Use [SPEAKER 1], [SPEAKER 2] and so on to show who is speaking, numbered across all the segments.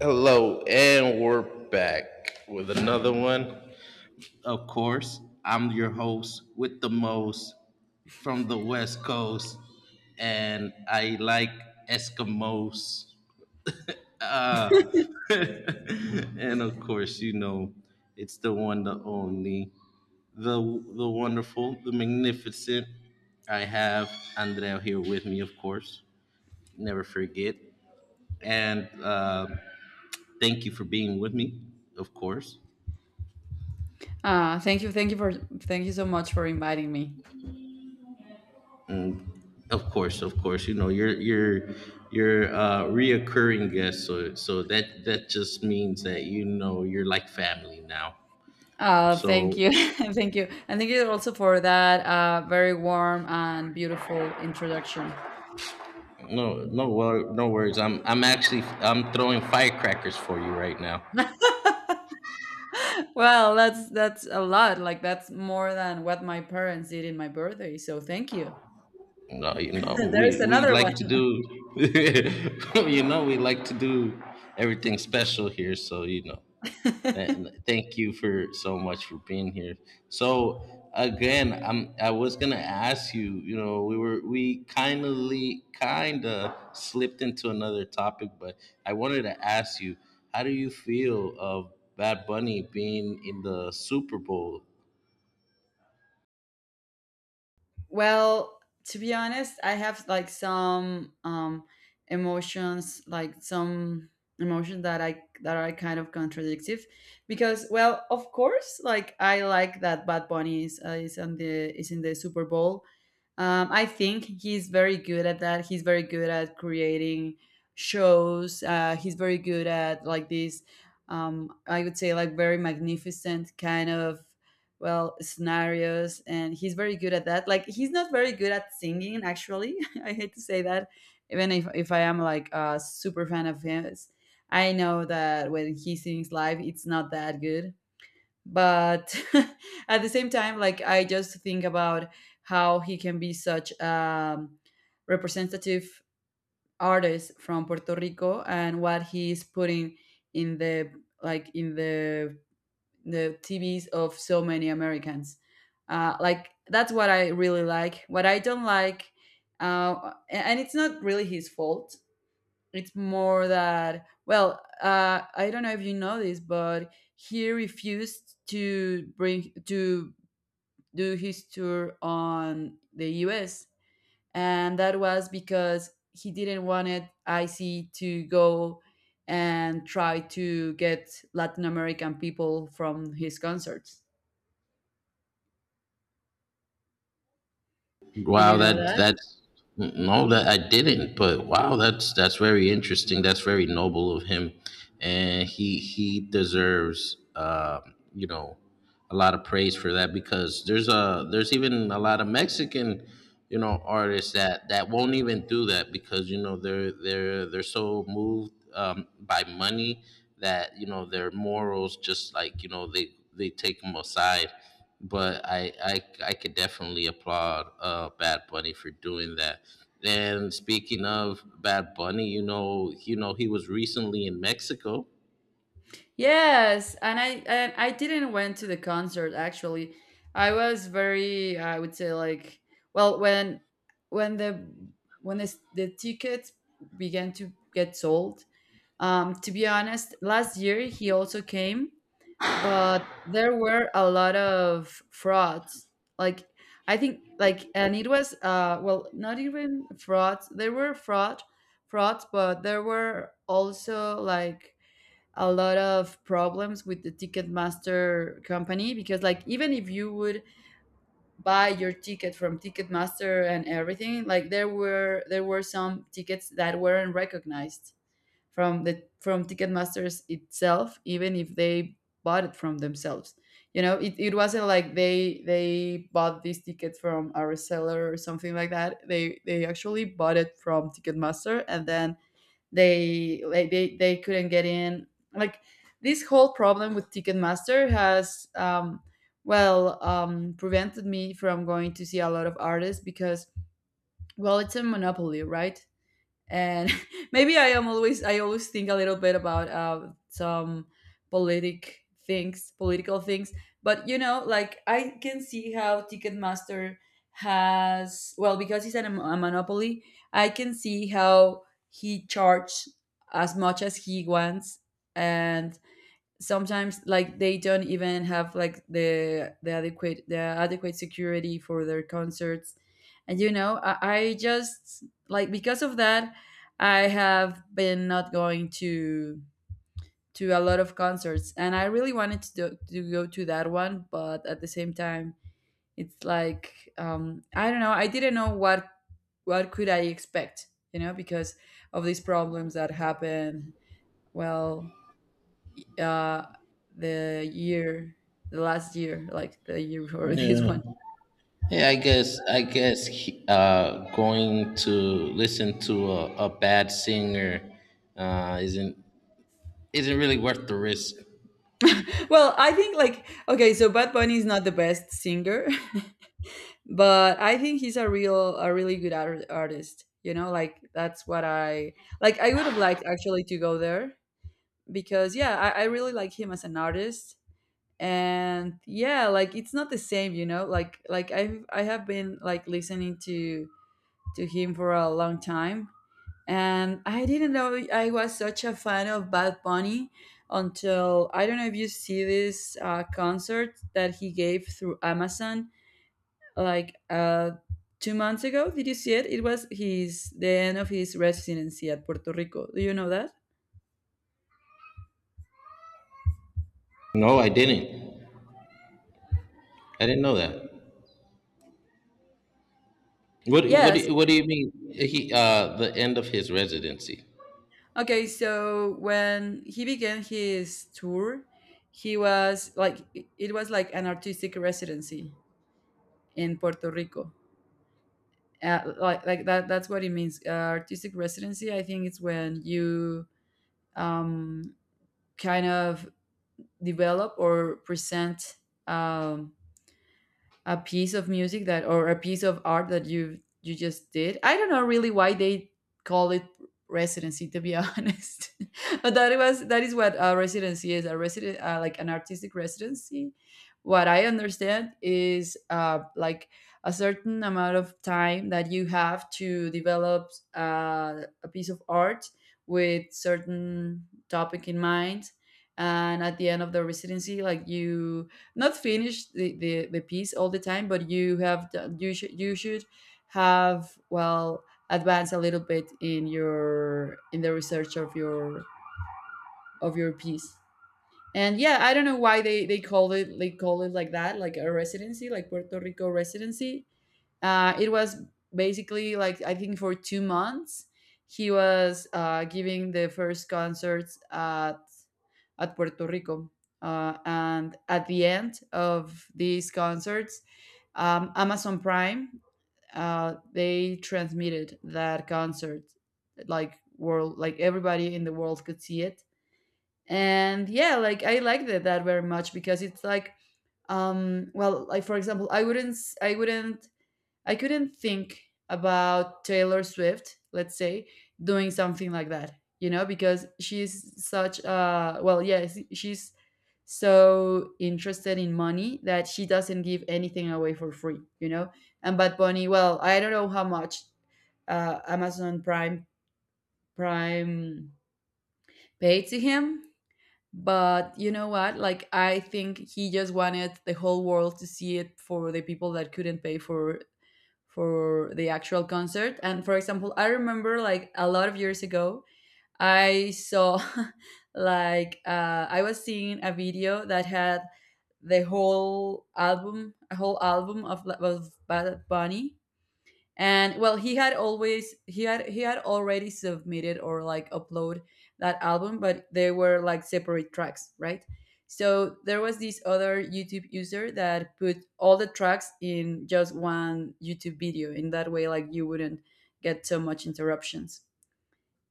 [SPEAKER 1] Hello, and we're back with another one. Of course, I'm your host with the most from the West Coast, and I like Eskimos. Uh, and of course, you know, it's the one, the only, the wonderful, the magnificent. I have Andrea here with me, of course. Never forget, and thank you for being with me, of course.
[SPEAKER 2] Thank you for thank you so much for inviting me.
[SPEAKER 1] Of course, of course. You know, you're reoccurring guest, so that just means that you know you're like family now.
[SPEAKER 2] Thank
[SPEAKER 1] So
[SPEAKER 2] you, thank you, and thank you also for that very warm and beautiful introduction.
[SPEAKER 1] no worries. I'm actually I'm throwing firecrackers for you right now.
[SPEAKER 2] Well, that's a lot. Like that's more than what my parents did in my birthday. So thank you.
[SPEAKER 1] No, you know,
[SPEAKER 2] There's
[SPEAKER 1] we
[SPEAKER 2] another
[SPEAKER 1] like
[SPEAKER 2] one.
[SPEAKER 1] to do you know, we like to do everything special here, so you know. Th- Thank you for so much for being here. So again, I was gonna ask you. You know, we kind of slipped into another topic, but I wanted to ask you, how do you feel of Bad Bunny being in the Super Bowl?
[SPEAKER 2] Well, to be honest, I have like some emotions, like some emotions that I that are kind of contradictive because well, of course, like I like that Bad Bunny is on the is in the Super Bowl. I think he's very good at that. He's very good at creating shows. He's very good at like these, I would say, like very magnificent kind of well scenarios, and he's very good at that. Like he's not very good at singing, actually. I hate to say that, even if I am like a super fan of his. I know that when he sings live, it's not that good, but at the same time like I just think about how he can be such a representative artist from Puerto Rico and what he's putting in the like in the TVs of so many Americans. Like that's what I really like. What I don't like, and it's not really his fault, it's more that well, I don't know if you know this, but he refused to bring to do his tour on the US, and that was because he didn't want it ic to go and try to get Latin American people from his concerts. Did
[SPEAKER 1] Wow,
[SPEAKER 2] you know
[SPEAKER 1] that
[SPEAKER 2] that?
[SPEAKER 1] that's no, that I didn't. But wow, that's very interesting. That's very noble of him, and he deserves, you know, a lot of praise for that, because there's a, there's even a lot of Mexican, you know, artists that won't even do that because you know they're so moved, by money, that you know their morals just like, you know, they take them aside. But I could definitely applaud, Bad Bunny for doing that. And speaking of Bad Bunny, you know, he was recently in Mexico.
[SPEAKER 2] Yes, and I didn't went to the concert actually. I was very, I would say like, well, when the when the tickets began to get sold. To be honest, last year he also came, but there were a lot of frauds. Like I think, like, and it was well, not even frauds. There were frauds, but there were also like a lot of problems with the Ticketmaster company because, like, even if you would buy your ticket from Ticketmaster and everything, like there were some tickets that weren't recognized from the from Ticketmasters itself, even if they bought it from themselves. You know, it wasn't like they bought this ticket from a reseller or something like that. They actually bought it from Ticketmaster, and then they like they couldn't get in. Like this whole problem with Ticketmaster has prevented me from going to see a lot of artists because well, it's a monopoly, right? And maybe I always think a little bit about some political things. But you know, like I can see how Ticketmaster has, well, because he's a monopoly. I can see how he charges as much as he wants, and sometimes like they don't even have like the adequate security for their concerts. And you know I just like because of that I have been not going to a lot of concerts, and I really wanted to go to that one. But at the same time it's like, I don't know, I didn't know what could I expect, you know, because of these problems that happen. Well, uh the year the last year, like the year before this
[SPEAKER 1] Yeah.
[SPEAKER 2] one.
[SPEAKER 1] Yeah, I guess, I guess he, going to listen to a bad singer uh isn't isn't really worth the risk.
[SPEAKER 2] Well, I think like, okay, so Bad Bunny is not the best singer, but I think he's a really good artist, you know, like that's what I like. I would have liked actually to go there because yeah, I really like him as an artist. And yeah, like it's not the same, you know, like I have been like listening to him for a long time. And I didn't know I was such a fan of Bad Bunny until, I don't know if you see this concert that he gave through Amazon like 2 months ago. Did you see it? It was his the end of his residency at Puerto Rico. Do you know that?
[SPEAKER 1] No, I didn't. I didn't know that. What what
[SPEAKER 2] Yes.
[SPEAKER 1] do- what do you mean? He, the end of his residency.
[SPEAKER 2] Okay. So when he began his tour, he was like it was like an artistic residency in Puerto Rico. That that's what it means, artistic residency. I think it's when you um, kind of develop or present um, a piece of music that or a piece of art that you just did? I don't know really why they call it residency to be honest. But that was that is what a residency is, a resident like an artistic residency. What I understand is like a certain amount of time that you have to develop a piece of art with certain topic in mind, and at the end of the residency, like you not finish the piece all the time, but you have done, you should have well advance a little bit in your in the research of your piece. And yeah, I don't know why they call it like that, like a residency, like Puerto Rico residency. It was basically like I think for 2 months he was giving the first concerts at Puerto Rico. And at the end of these concerts, Amazon Prime, they transmitted that concert, like world, like everybody in the world could see it. And yeah, like I liked it that very much because it's like, well, like for example, I wouldn't, I couldn't think about Taylor Swift, let's say, doing something like that, you know, because she's such a, well, yes, she's so interested in money that she doesn't give anything away for free, you know? And Bad Bunny, well, I don't know how much Amazon Prime paid to him, but you know what? Like, I think he just wanted the whole world to see it for the people that couldn't pay for the actual concert. And for example, I remember like a lot of years ago, I saw like I was seeing a video that had a whole album of Bad Bunny, and well he had he had already submitted or like upload that album, but they were like separate tracks, right? So there was this other YouTube user that put all the tracks in just one YouTube video in that way like you wouldn't get so much interruptions.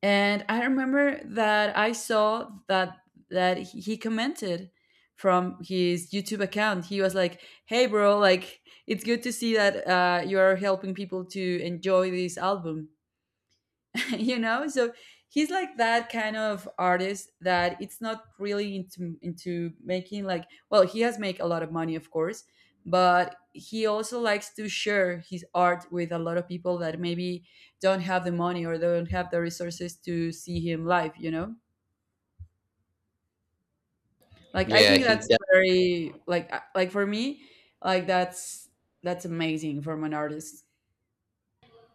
[SPEAKER 2] And I remember that I saw that that he commented from his YouTube account. He was like, "Hey, bro! Like, it's good to see that you are helping people to enjoy this album." You know, so he's like that kind of artist that it's not really into making like, well, he has make a lot of money, of course, but he also likes to share his art with a lot of people that maybe don't have the money or don't have the resources to see him live, you know, like I
[SPEAKER 1] Yeah,
[SPEAKER 2] think
[SPEAKER 1] he
[SPEAKER 2] that's very like for me like that's amazing from an artist.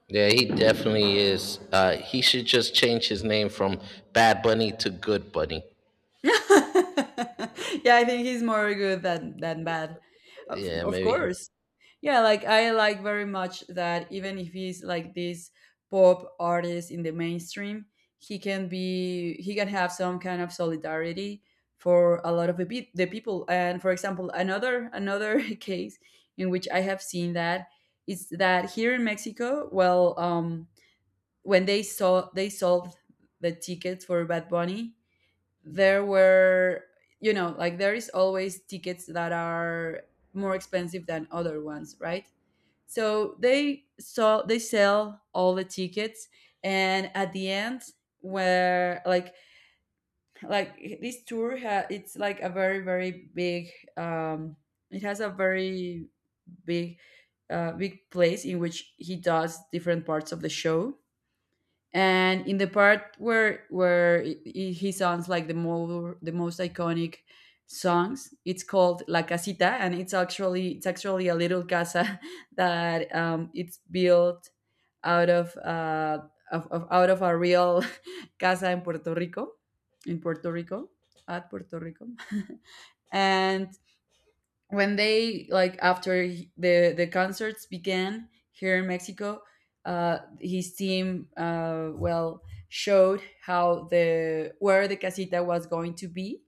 [SPEAKER 1] Yeah, he definitely is. He should just change his name from Bad Bunny to Good Bunny.
[SPEAKER 2] Yeah, I think he's more good than bad,
[SPEAKER 1] Yeah,
[SPEAKER 2] of
[SPEAKER 1] maybe.
[SPEAKER 2] course. Yeah, like I like very much that even if he's like this pop artist in the mainstream, he can be he can have some kind of solidarity for a lot of the people. And for example, another case in which I have seen that is that here in Mexico, well, when they sold the tickets for Bad Bunny, there were, you know, like there is always tickets that are more expensive than other ones, right? So they sell all the tickets, and at the end, where like this it's like a very big um it has a very big big place in which he does different parts of the show. And in the part he sounds like the most iconic songs, it's called la casita, and it's actually a little casa that it's built out of, out of a real casa in in puerto rico Puerto Rico. And when they like after the concerts began here in Mexico, his team, well, showed how the where the casita was going to be,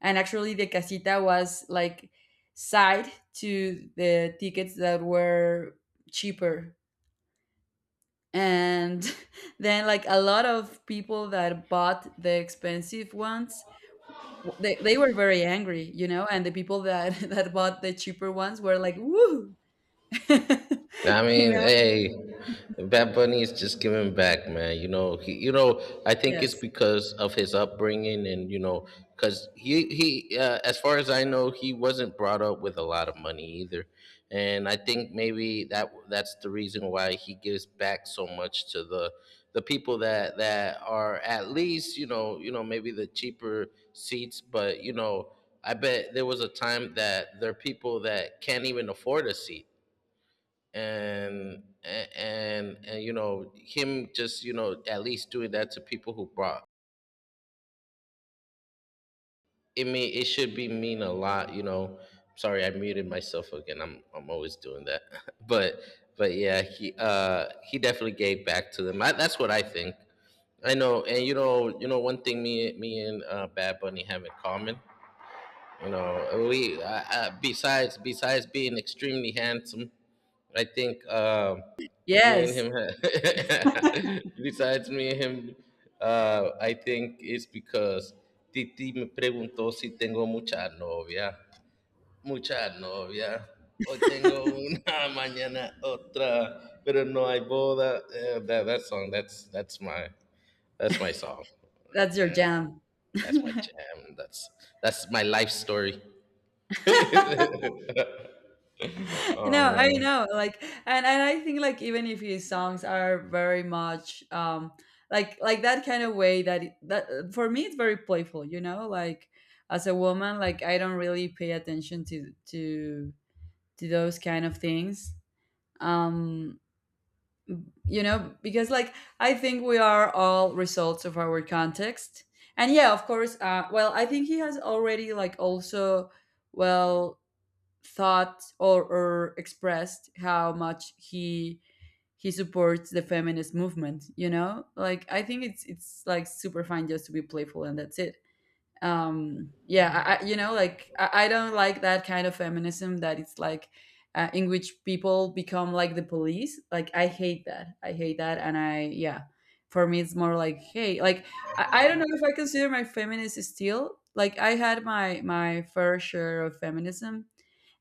[SPEAKER 2] and actually the casita was like side to the tickets that were cheaper, and then like a lot of people that bought the expensive ones they were very angry, you know, and the people that that bought the cheaper ones were like woo.
[SPEAKER 1] I
[SPEAKER 2] You
[SPEAKER 1] mean,
[SPEAKER 2] know?
[SPEAKER 1] hey, Bad Bunny is just giving back, man. You know, I think it's
[SPEAKER 2] Yes.
[SPEAKER 1] because of his upbringing, and you know, because as far as I know, he wasn't brought up with a lot of money either, and I think maybe that's the reason why he gives back so much to the people that are at least, you know, you know, maybe the cheaper seats, but you know. I bet there was a time that there are people that can't even afford a seat, and and you know, him just, you know, at least doing that to people who brought it mean, it should be, mean a lot, you know. Sorry, I muted myself again. I'm always doing that. but but yeah, he, he definitely gave back to them. That's what I think. I know, and you know, you know, one thing me and, Bad Bunny have in common. You know, we, besides besides being extremely handsome, I think, me and
[SPEAKER 2] Yes,
[SPEAKER 1] him, besides me and him, I think it's because Titi me preguntó si tengo mucha novia. Mucha novia. Hoy tengo una, mañana otra, pero no hay boda. Eh, that song, that's my, that's my song right
[SPEAKER 2] that's your
[SPEAKER 1] there.
[SPEAKER 2] jam.
[SPEAKER 1] That's my jam. That's my life story.
[SPEAKER 2] No, I
[SPEAKER 1] Oh.
[SPEAKER 2] know, like, and I think, like, even if his songs are very much, like that kind of way that for me it's very playful, you know, like as a woman, like I don't really pay attention to those kind of things. Um, you know, because like I think we are all results of our context. And yeah, of course, well, I think he has already, like, also, well thought or expressed how much he supports the feminist movement. You know, like, I think it's like super fine just to be playful, and that's it. Yeah, you know, like, I don't like that kind of feminism that it's like, in which people become like the police. Like, I hate that. I hate that. And I, yeah, for me it's more like, hey, like, I don't know if I consider my feminist still. Like, I had my fair share of feminism,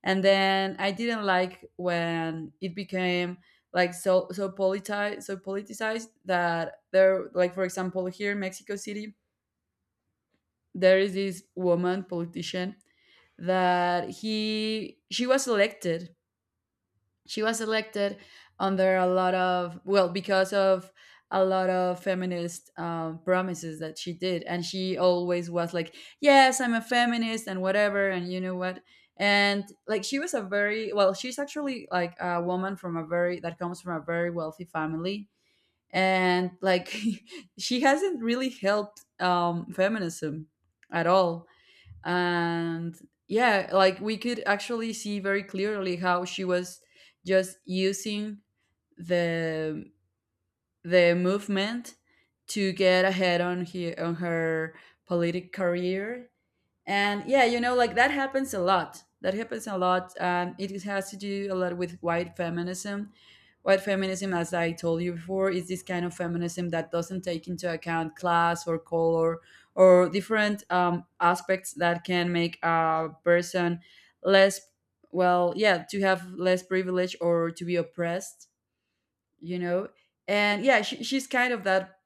[SPEAKER 2] and then I didn't like when it became like so politicized. So politicized that there, like, for example, here in Mexico City, there is this woman politician that he she was elected. She was elected under a lot of, well, because of a lot of feminist promises that she did. And she always was like, yes, I'm a feminist and whatever. And you know what, and like, she was a very, well, she's actually like a woman from a very, that comes from a very wealthy family. And like, she hasn't really helped, feminism at all. And yeah, like, we could actually see very clearly how she was just using the the movement to get ahead on her politic career. And yeah, you know, like, that happens a lot. That happens a lot, and it has to do a lot with white feminism. White feminism, as I told you before, is this kind of feminism that doesn't take into account class or color or different aspects that can make a person less, well, yeah, to have less privilege or to be oppressed, you know. And yeah, she's kind of that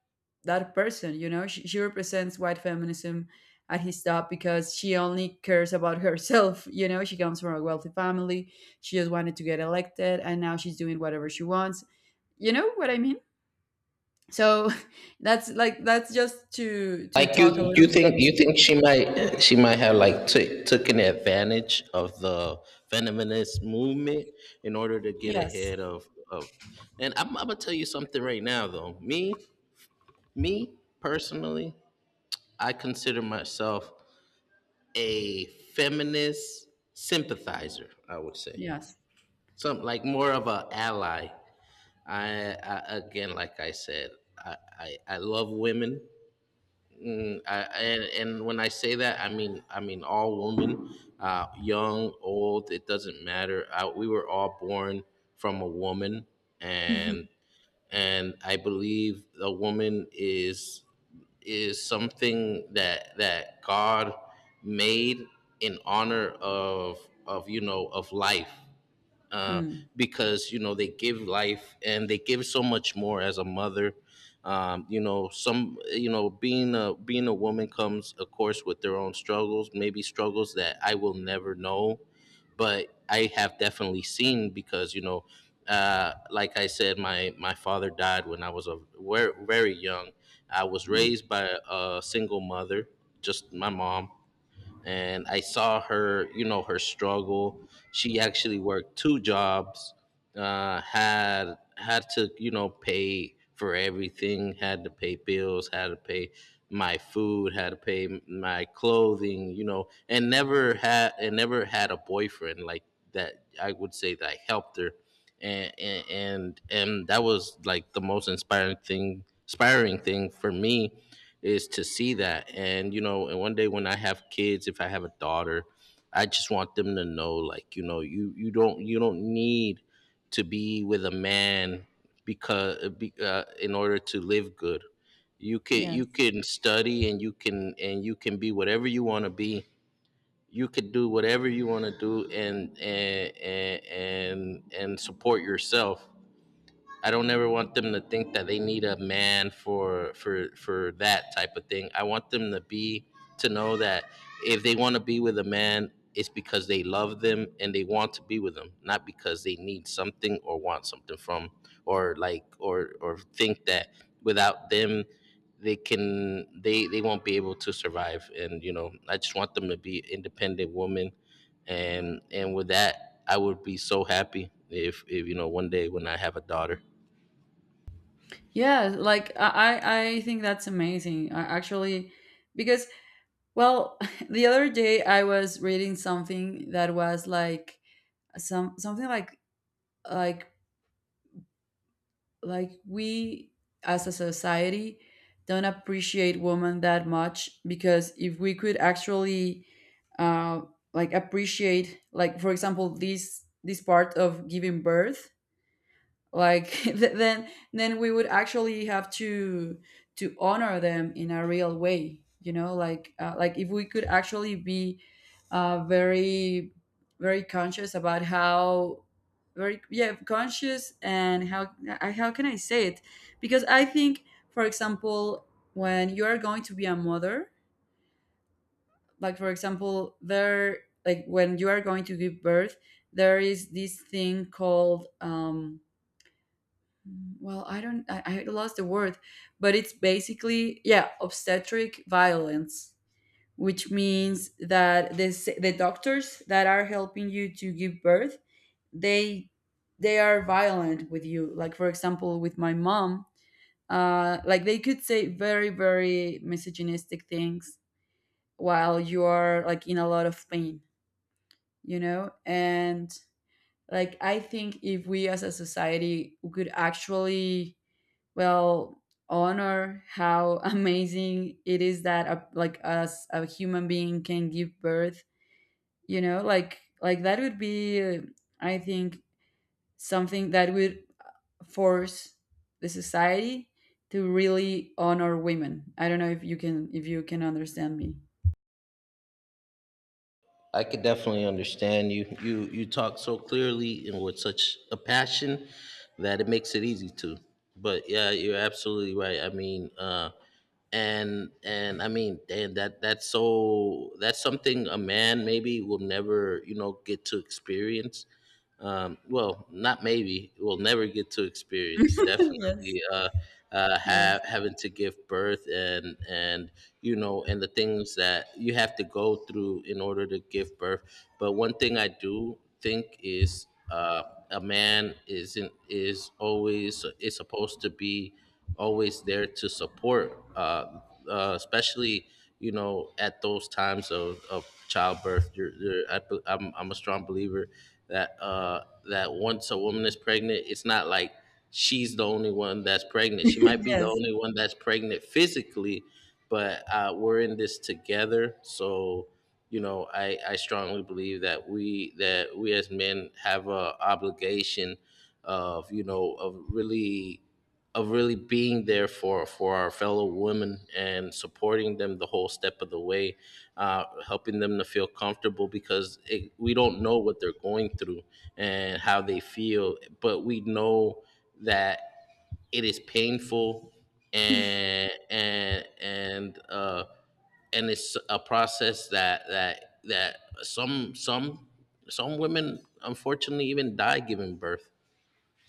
[SPEAKER 2] that person. You know, she represents white feminism at his top, because she only cares about herself. You know, she comes from a wealthy family. She just wanted to get elected, and now she's doing whatever she wants. You know what I mean? So that's like, that's just to
[SPEAKER 1] Like,
[SPEAKER 2] talk a
[SPEAKER 1] you,
[SPEAKER 2] little bit.
[SPEAKER 1] you think she might, she might have like, taken advantage of the feminist movement in order to get
[SPEAKER 2] Yes.
[SPEAKER 1] ahead of of. And I'm gonna tell you something right now though. Me personally, I consider myself a feminist sympathizer. I would say
[SPEAKER 2] Yes.
[SPEAKER 1] some like more of an ally. I again, like I said, I love women. Mm, and when I say that, I mean, I mean all women, young, old, it doesn't matter. We were all born from a woman, and and I believe a woman is something that that God made in honor of, you know, of life, uh,
[SPEAKER 2] Mm,
[SPEAKER 1] because you know they give life and they give so much more as a mother. You know, some, you know, being a, being a woman comes, of course, with their own struggles, maybe struggles that I will never know, but I have definitely seen because, you know, like I said, my father died when I was a very, very young. I was
[SPEAKER 2] mm,
[SPEAKER 1] raised by a single mother, just my mom, and I saw her, you know, her struggle. She actually worked two jobs, had to, you know, pay for everything, had to pay bills, had to pay my food, had to pay my clothing, you know, and never had a boyfriend like that. I would say that I helped her, and and that was like the most inspiring thing for me, is to see that. And, you know, and one day when I have kids, if I have a daughter, I just want them to know, like, you know, you don't, you don't need to be with a man, because, in order to live good,
[SPEAKER 2] yes.
[SPEAKER 1] you can study, and you can be whatever you want to be. You could do whatever you want to do, and support yourself. I don't ever want them to think that they need a man for, for that type of thing. I want them to be, to know that, if they want to be with a man, it's because they love them and they want to be with them, not because they need something or want something from, or like, or think that without them, they can, they won't be able to survive. And you know, I just want them to be independent women, and with that, I would be so happy if, you know, one day when I have a daughter.
[SPEAKER 2] Yeah, like I think that's amazing. I actually, because, well, the other day I was reading something that was like some, something like like we as a society don't appreciate women that much, because if we could actually, uh, like, appreciate, like, for example, this part of giving birth, like, then we would actually have to honor them in a real way. You know, like, like, if we could actually be very very conscious about how, very, yeah, conscious and how, how can I say it? Because I think, for example, when you are going to be a mother, like, for example, there, like, when you are going to give birth, there is this thing called well, I don't, I lost the word, but it's basically, yeah, obstetric violence, which means that the doctors that are helping you to give birth, they they are violent with you. Like, for example, with my mom, like, they could say very very misogynistic things while you are, like, in a lot of pain, you know. And like, I think if we as a society could actually, well, honor how amazing it is that a, like, us, a human being, can give birth, you know, like that would be, I think, something that would force the society to really honor women. I don't know if you can, if you can understand me.
[SPEAKER 1] I could definitely understand you. You talk so clearly and with such a passion that it makes it easy to. But yeah, you're absolutely right. I mean, and I mean, and that that's so, that's something a man maybe will never, you know, get to experience, well, not maybe, we will never get to experience.
[SPEAKER 2] Yes.
[SPEAKER 1] Definitely,
[SPEAKER 2] Yes.
[SPEAKER 1] have having to give birth, and you know, and the things that you have to go through in order to give birth. But one thing I do think is, a man isn't, is always, is supposed to be always there to support, especially you know at those times of childbirth. I'm a strong believer that, that once a woman is pregnant, it's not like she's the only one that's pregnant. She might be the
[SPEAKER 2] Yes.
[SPEAKER 1] only one that's pregnant physically, but, we're in this together. So, you know, I strongly believe that we, that we as men have a obligation of, you know, of really, of really being there for our fellow women and supporting them the whole step of the way, helping them to feel comfortable because it, we don't know what they're going through and how they feel, but we know that it is painful, and and it's a process that that some, some women unfortunately even die giving birth.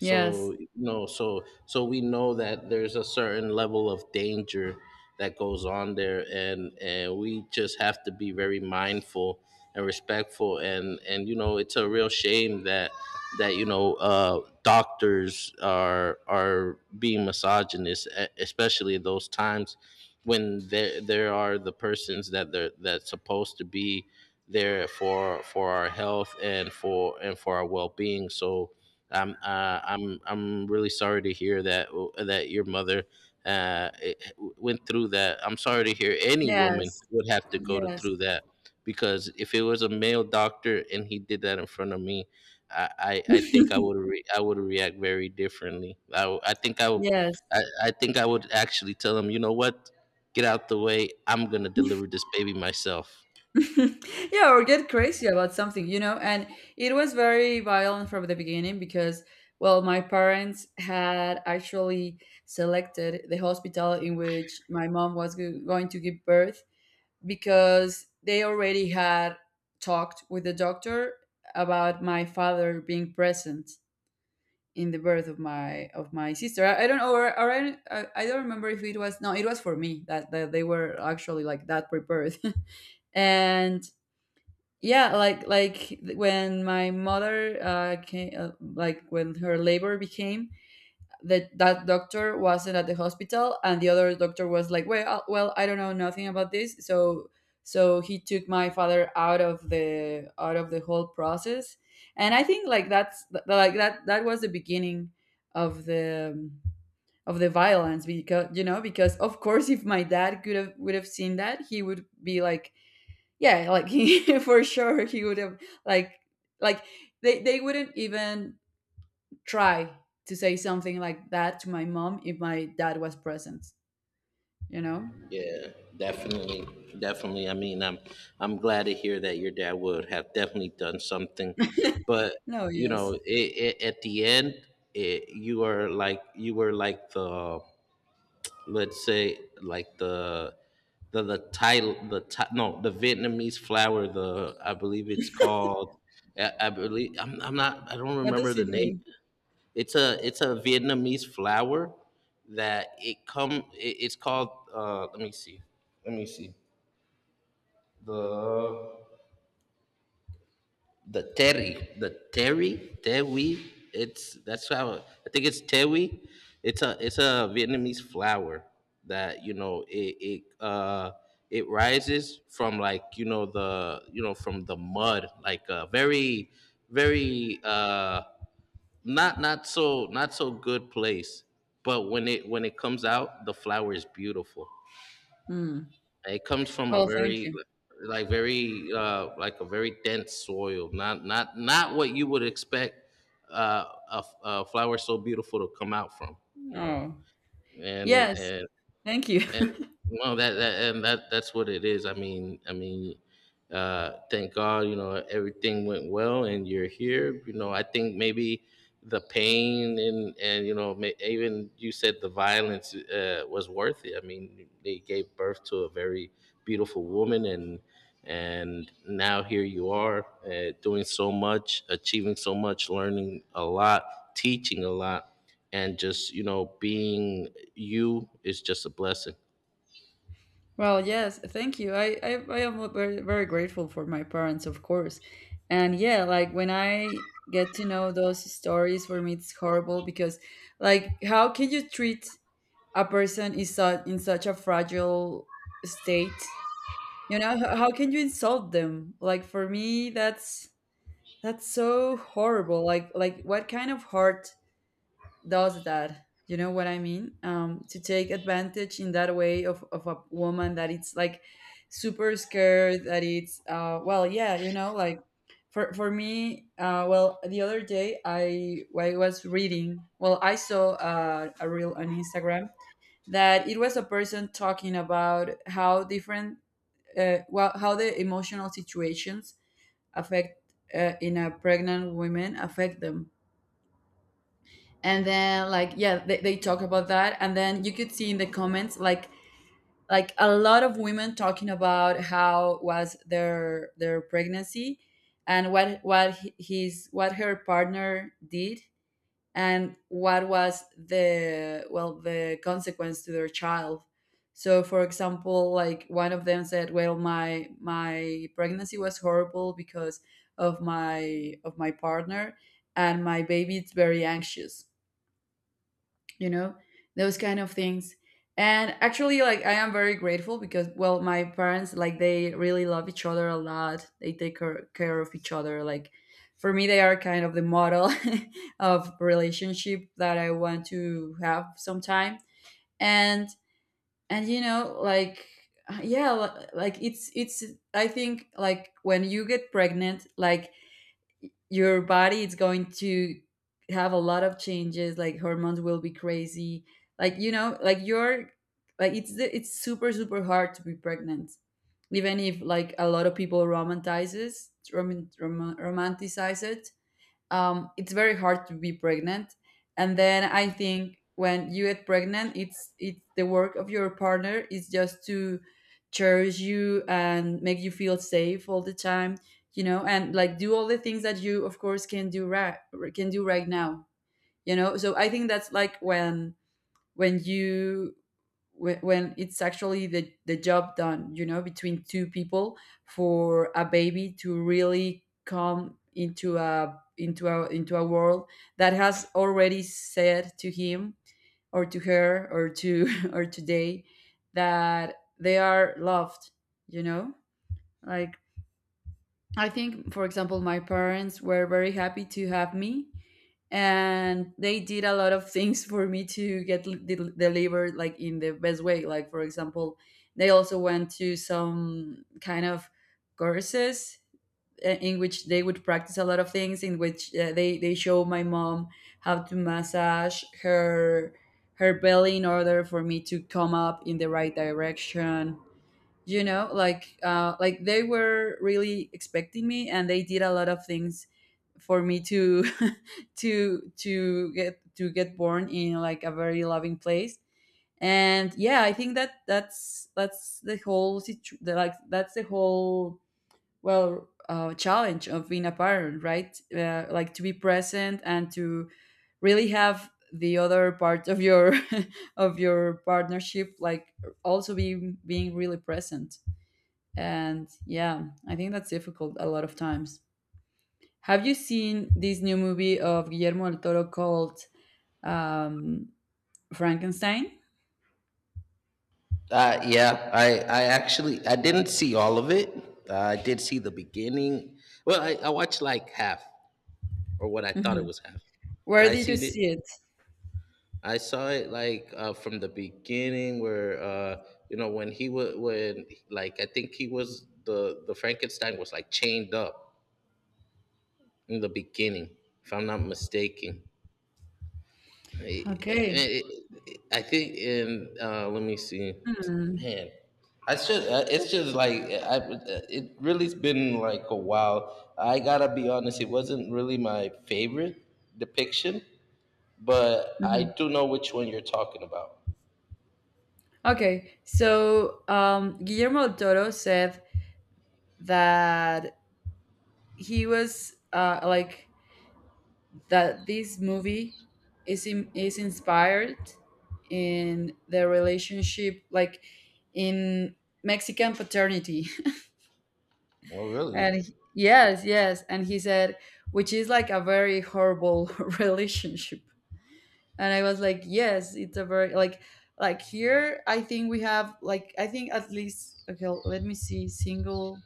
[SPEAKER 2] Yes.
[SPEAKER 1] you know, so so we know that there's a certain level of danger that goes on there, and we just have to be very mindful and respectful, and, you know, it's a real shame that that, you know, doctors are being misogynist, especially at those times when there are the persons that they're, that's supposed to be there for our health and for, and for our well being. So I'm really sorry to hear that, that your mother, uh, it- went through that. I'm sorry to hear any woman
[SPEAKER 2] Yes.
[SPEAKER 1] would have to go to,
[SPEAKER 2] Yes.
[SPEAKER 1] through that, because if it was a male doctor and he did that in front of me, I think I would I would react very differently. I think I would,
[SPEAKER 2] Yes.
[SPEAKER 1] I think I would actually tell him, you know what, get out the way. I'm gonna deliver this baby myself.
[SPEAKER 2] Yeah, or get crazy about something, you know. And it was very violent from the beginning because, well, my parents had actually selected the hospital in which my mom was going to give birth, because they already had talked with the doctor about my father being present in the birth of my sister. I don't know, or, I don't remember if it was, no, it was for me that, that they were actually, like, that prepared. And yeah, like when my mother came, like, when her labor became, that that doctor wasn't at the hospital, and the other doctor was like, well, well, I don't know nothing about this. So, so he took my father out of the whole process. And I think, like, that's like, that that was the beginning of the um, of the violence, because, you know, because, of course, if my dad could have, would have seen that, he would be like, yeah, like, he, for sure he would have, like like, they wouldn't even try to say something like that to my mom if my dad was present, you know.
[SPEAKER 1] Yeah, definitely, definitely. I mean, I'm glad to hear that your dad would have definitely done something, but
[SPEAKER 2] No.
[SPEAKER 1] you know,
[SPEAKER 2] Yes.
[SPEAKER 1] at the end, it, you are like, you were like the, let's say like the, the title the ti- no the Vietnamese flower, the, I believe it's called. I believe I don't
[SPEAKER 2] What
[SPEAKER 1] remember
[SPEAKER 2] does it
[SPEAKER 1] the name.
[SPEAKER 2] mean?
[SPEAKER 1] It's a, it's a Vietnamese flower that it come. It's called. Let me see. Let me see. The, the terry tewi. It's, that's how I think it's tewi. It's a, it's a Vietnamese flower that you know it it, it rises from like, you know, the, you know, from the mud, like a very, very, not, not so good place, but when it, when it comes out, the flower is beautiful.
[SPEAKER 2] Hmm.
[SPEAKER 1] And it comes from a
[SPEAKER 2] Well, thank
[SPEAKER 1] very,
[SPEAKER 2] you.
[SPEAKER 1] like, very, like a very dense soil, not what you would expect, uh a flower so beautiful to come out from, you know.
[SPEAKER 2] Oh.
[SPEAKER 1] And
[SPEAKER 2] Yes, thank you.
[SPEAKER 1] and no, that and that, that's what it is. Thank god, you know, everything went well and you're here. You know, I think maybe the pain and, you know, even you said the violence, was worth it. I mean, they gave birth to a very beautiful woman, and now here you are, doing so much, achieving so much, learning a lot, teaching a lot, and just, you know, being you, is just a blessing.
[SPEAKER 2] Well, yes, thank you. I am very, very grateful for my parents, of course. And yeah, like, when I get to know those stories, for me it's horrible, because, like, how can you treat a person, in such a fragile state, you know? How can you insult them? Like, for me, that's so horrible. Like, what kind of heart does that, you know what I mean? Um, to take advantage in that way of a woman that it's like super scared, that it's, uh, well, yeah, you know, like, for me, uh, well, the other day, I was reading, well, I saw, a reel on Instagram that it was a person talking about how different, well, how the emotional situations affect, in a pregnant women, affect them. And then, like, yeah, they talk about that. And then you could see in the comments, like, a lot of women talking about how was their pregnancy and what he- his what her partner did, and what was the, well, the consequence to their child. So, for example, like, one of them said, well, my pregnancy was horrible because of my partner, and my baby is very anxious, you know, those kind of things. And actually, like, I am very grateful, because, well, my parents, like, they really love each other a lot. They take care of each other. Like, for me, they are kind of the model of relationship that I want to have sometime. and and, you know, like, yeah, like, it's I think, like, when you get pregnant, like, your body is going to have a lot of changes. Like, hormones will be crazy. Like, you know, like, you're, like, it's the, it's super super hard to be pregnant, even if, like, a lot of people romanticize it. It's very hard to be pregnant. And then I think when you get pregnant, it's the work of your partner is just to cherish you and make you feel safe all the time, you know, and, like, do all the things that you, of course, can do right now, you know. So I think that's like when you when it's actually the job done, you know, between two people, for a baby to really come into a into a into a world that has already said to him or to her or to or today that they are loved, you know, like, I think, for example, my parents were very happy to have me, and they did a lot of things for me to get delivered, like, in the best way. Like, for example, they also went to some kind of courses, in which they would practice a lot of things. In which they show my mom how to massage her belly in order for me to come up in the right direction, you know, like they were really expecting me, and they did a lot of things for me to to get born in like a very loving place. And yeah, I think that that's the whole situ- the, like that's the whole challenge of being a parent, right? Like, to be present and to really have the other part of your of your partnership, like also be being really present. And yeah, I think that's difficult a lot of times. Have you seen this new movie of Guillermo del Toro called um, Frankenstein?
[SPEAKER 1] Yeah, I actually, I didn't see all of it. I did see the beginning. Well, I watched like half, or what I thought it
[SPEAKER 2] Mhm.
[SPEAKER 1] was half.
[SPEAKER 2] Where
[SPEAKER 1] Yeah, I
[SPEAKER 2] did you
[SPEAKER 1] seen
[SPEAKER 2] see
[SPEAKER 1] it.
[SPEAKER 2] it?
[SPEAKER 1] I saw it like, from the beginning where, you know, when he was, when, like I think he was the Frankenstein was like chained up in the beginning, if I'm not mistaken. I,
[SPEAKER 2] Okay.
[SPEAKER 1] I, I think in, let me see,
[SPEAKER 2] Hmm.
[SPEAKER 1] man. I should. It's just like I. It really's been like a while. I gotta be honest. It wasn't really my favorite depiction, but I
[SPEAKER 2] Mhm.
[SPEAKER 1] do know which one you're talking about.
[SPEAKER 2] Okay, so Guillermo del Toro said that he was like that this movie is inspired in the relationship, like in Mexican paternity.
[SPEAKER 1] Oh,
[SPEAKER 2] And
[SPEAKER 1] really?
[SPEAKER 2] he- yes, yes. And he said, which is like a very horrible relationship. And I was like, yes, it's a very like here I think we have like I think at least, okay, let me see, single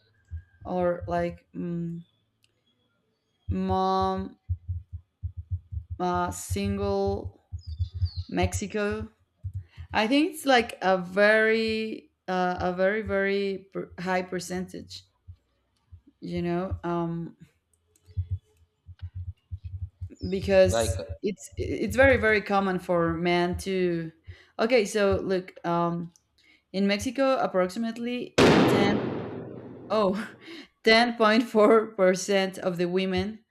[SPEAKER 2] or like mom single Mexico. I think it's like a very very high percentage, you know.
[SPEAKER 1] Like,
[SPEAKER 2] Because it's very very common for men to, okay, so look, in Mexico approximately ten, oh, 10.4% of the women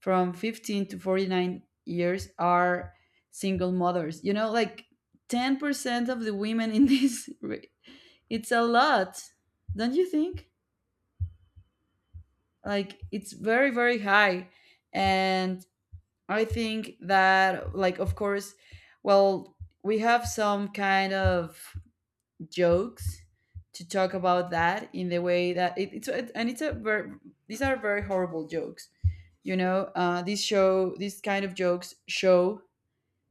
[SPEAKER 2] from 15 to 49 years are single mothers, you know, like 10% of the women in this it's a lot, don't you think? Like, it's very very high. And I think that, like, of course, well, we have some kind of jokes to talk about that, in the way that it's and it's a very, these are very horrible jokes. You know, this show, these kind of jokes show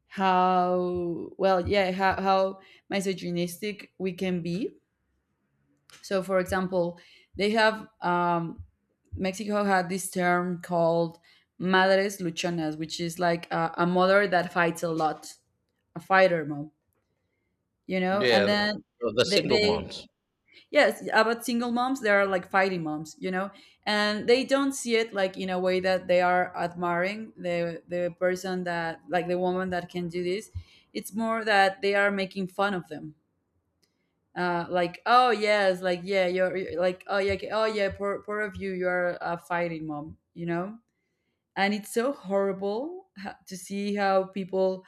[SPEAKER 2] how well, yeah, how misogynistic we can be. So, for example, they have Mexico had this term called madres luchonas, which is like a mother that fights a lot, a fighter mom, you know? And
[SPEAKER 1] yeah,
[SPEAKER 2] then
[SPEAKER 1] the
[SPEAKER 2] they,
[SPEAKER 1] single
[SPEAKER 2] they,
[SPEAKER 1] moms.
[SPEAKER 2] yes, about single moms, they are like fighting moms, you know? And they don't see it like in a way that they are admiring the person that, like the woman that can do this. It's more that they are making fun of them. Like, oh yes, like yeah, you're, like oh yeah, okay, oh yeah, poor, poor of you, you're a fighting mom, you know. And it's so horrible to see how people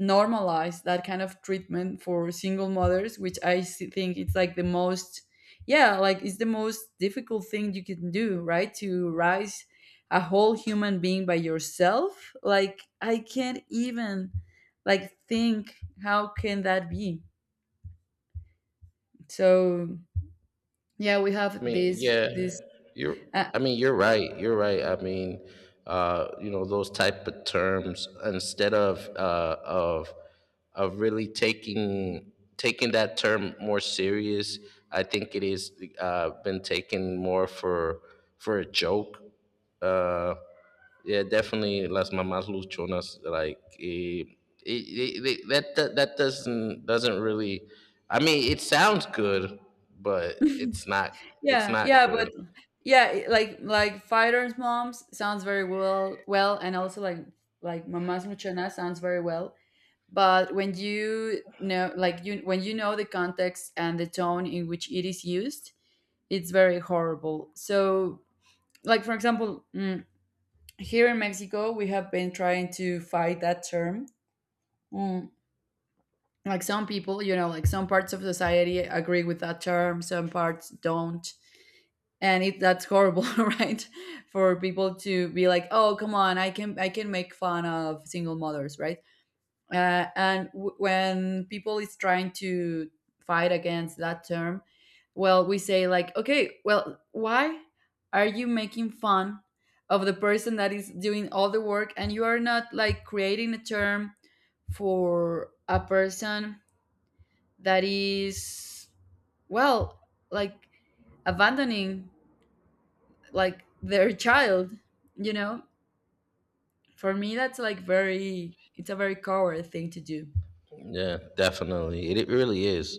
[SPEAKER 2] normalize that kind of treatment for single mothers, which I think it's like the most, yeah, like it's the most difficult thing you can do, right? To raise a whole human being by yourself. Like, I can't even like think, how can that be. So yeah, we
[SPEAKER 1] I
[SPEAKER 2] have
[SPEAKER 1] mean,
[SPEAKER 2] this
[SPEAKER 1] yeah,
[SPEAKER 2] this
[SPEAKER 1] you're.
[SPEAKER 2] uh,
[SPEAKER 1] I mean, you're right. You're right. I mean, you know, those type of terms instead of, of really taking, taking that term more serious. I think it is, been taken more for a joke, uh, yeah, definitely Las Mamas Luchonas. Like, that, that that doesn't really. I mean, it sounds good, but it's not. It's
[SPEAKER 2] Yeah,
[SPEAKER 1] not
[SPEAKER 2] yeah,
[SPEAKER 1] good.
[SPEAKER 2] but yeah, like fighters' moms sounds very well, and also like mamás luchonas sounds very well. But when you know, like you when you know the context and the tone in which it is used, it's very horrible. So, like for example, here in Mexico we have been trying to fight that term. Mm, like, some people, you know, like some parts of society agree with that term, some parts don't. And it that's horrible right? For people to be like, oh, come on, I can make fun of single mothers, right? And when people is trying to fight against that term, well, we say like, okay, well, why are you making fun of the person that is doing all the work, and you are not like creating a term for a person that is, well, like abandoning, like, their child, you know. For me, that's like very, it's a very coward thing to do.
[SPEAKER 1] Yeah, definitely. It really is,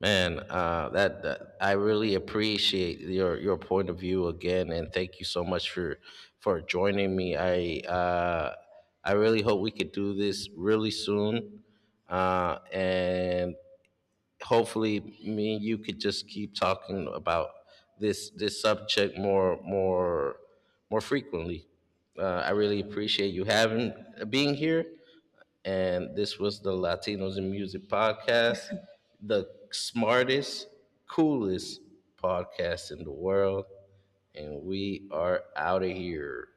[SPEAKER 1] man. That I really appreciate your point of view again, and thank you so much for joining me. I really hope we could do this really soon. And hopefully me and you could just keep talking about this, this subject more, more frequently. I really appreciate you having, being here. And this was the Latinos in Music podcast, the smartest, coolest podcast in the world. And we are out of here.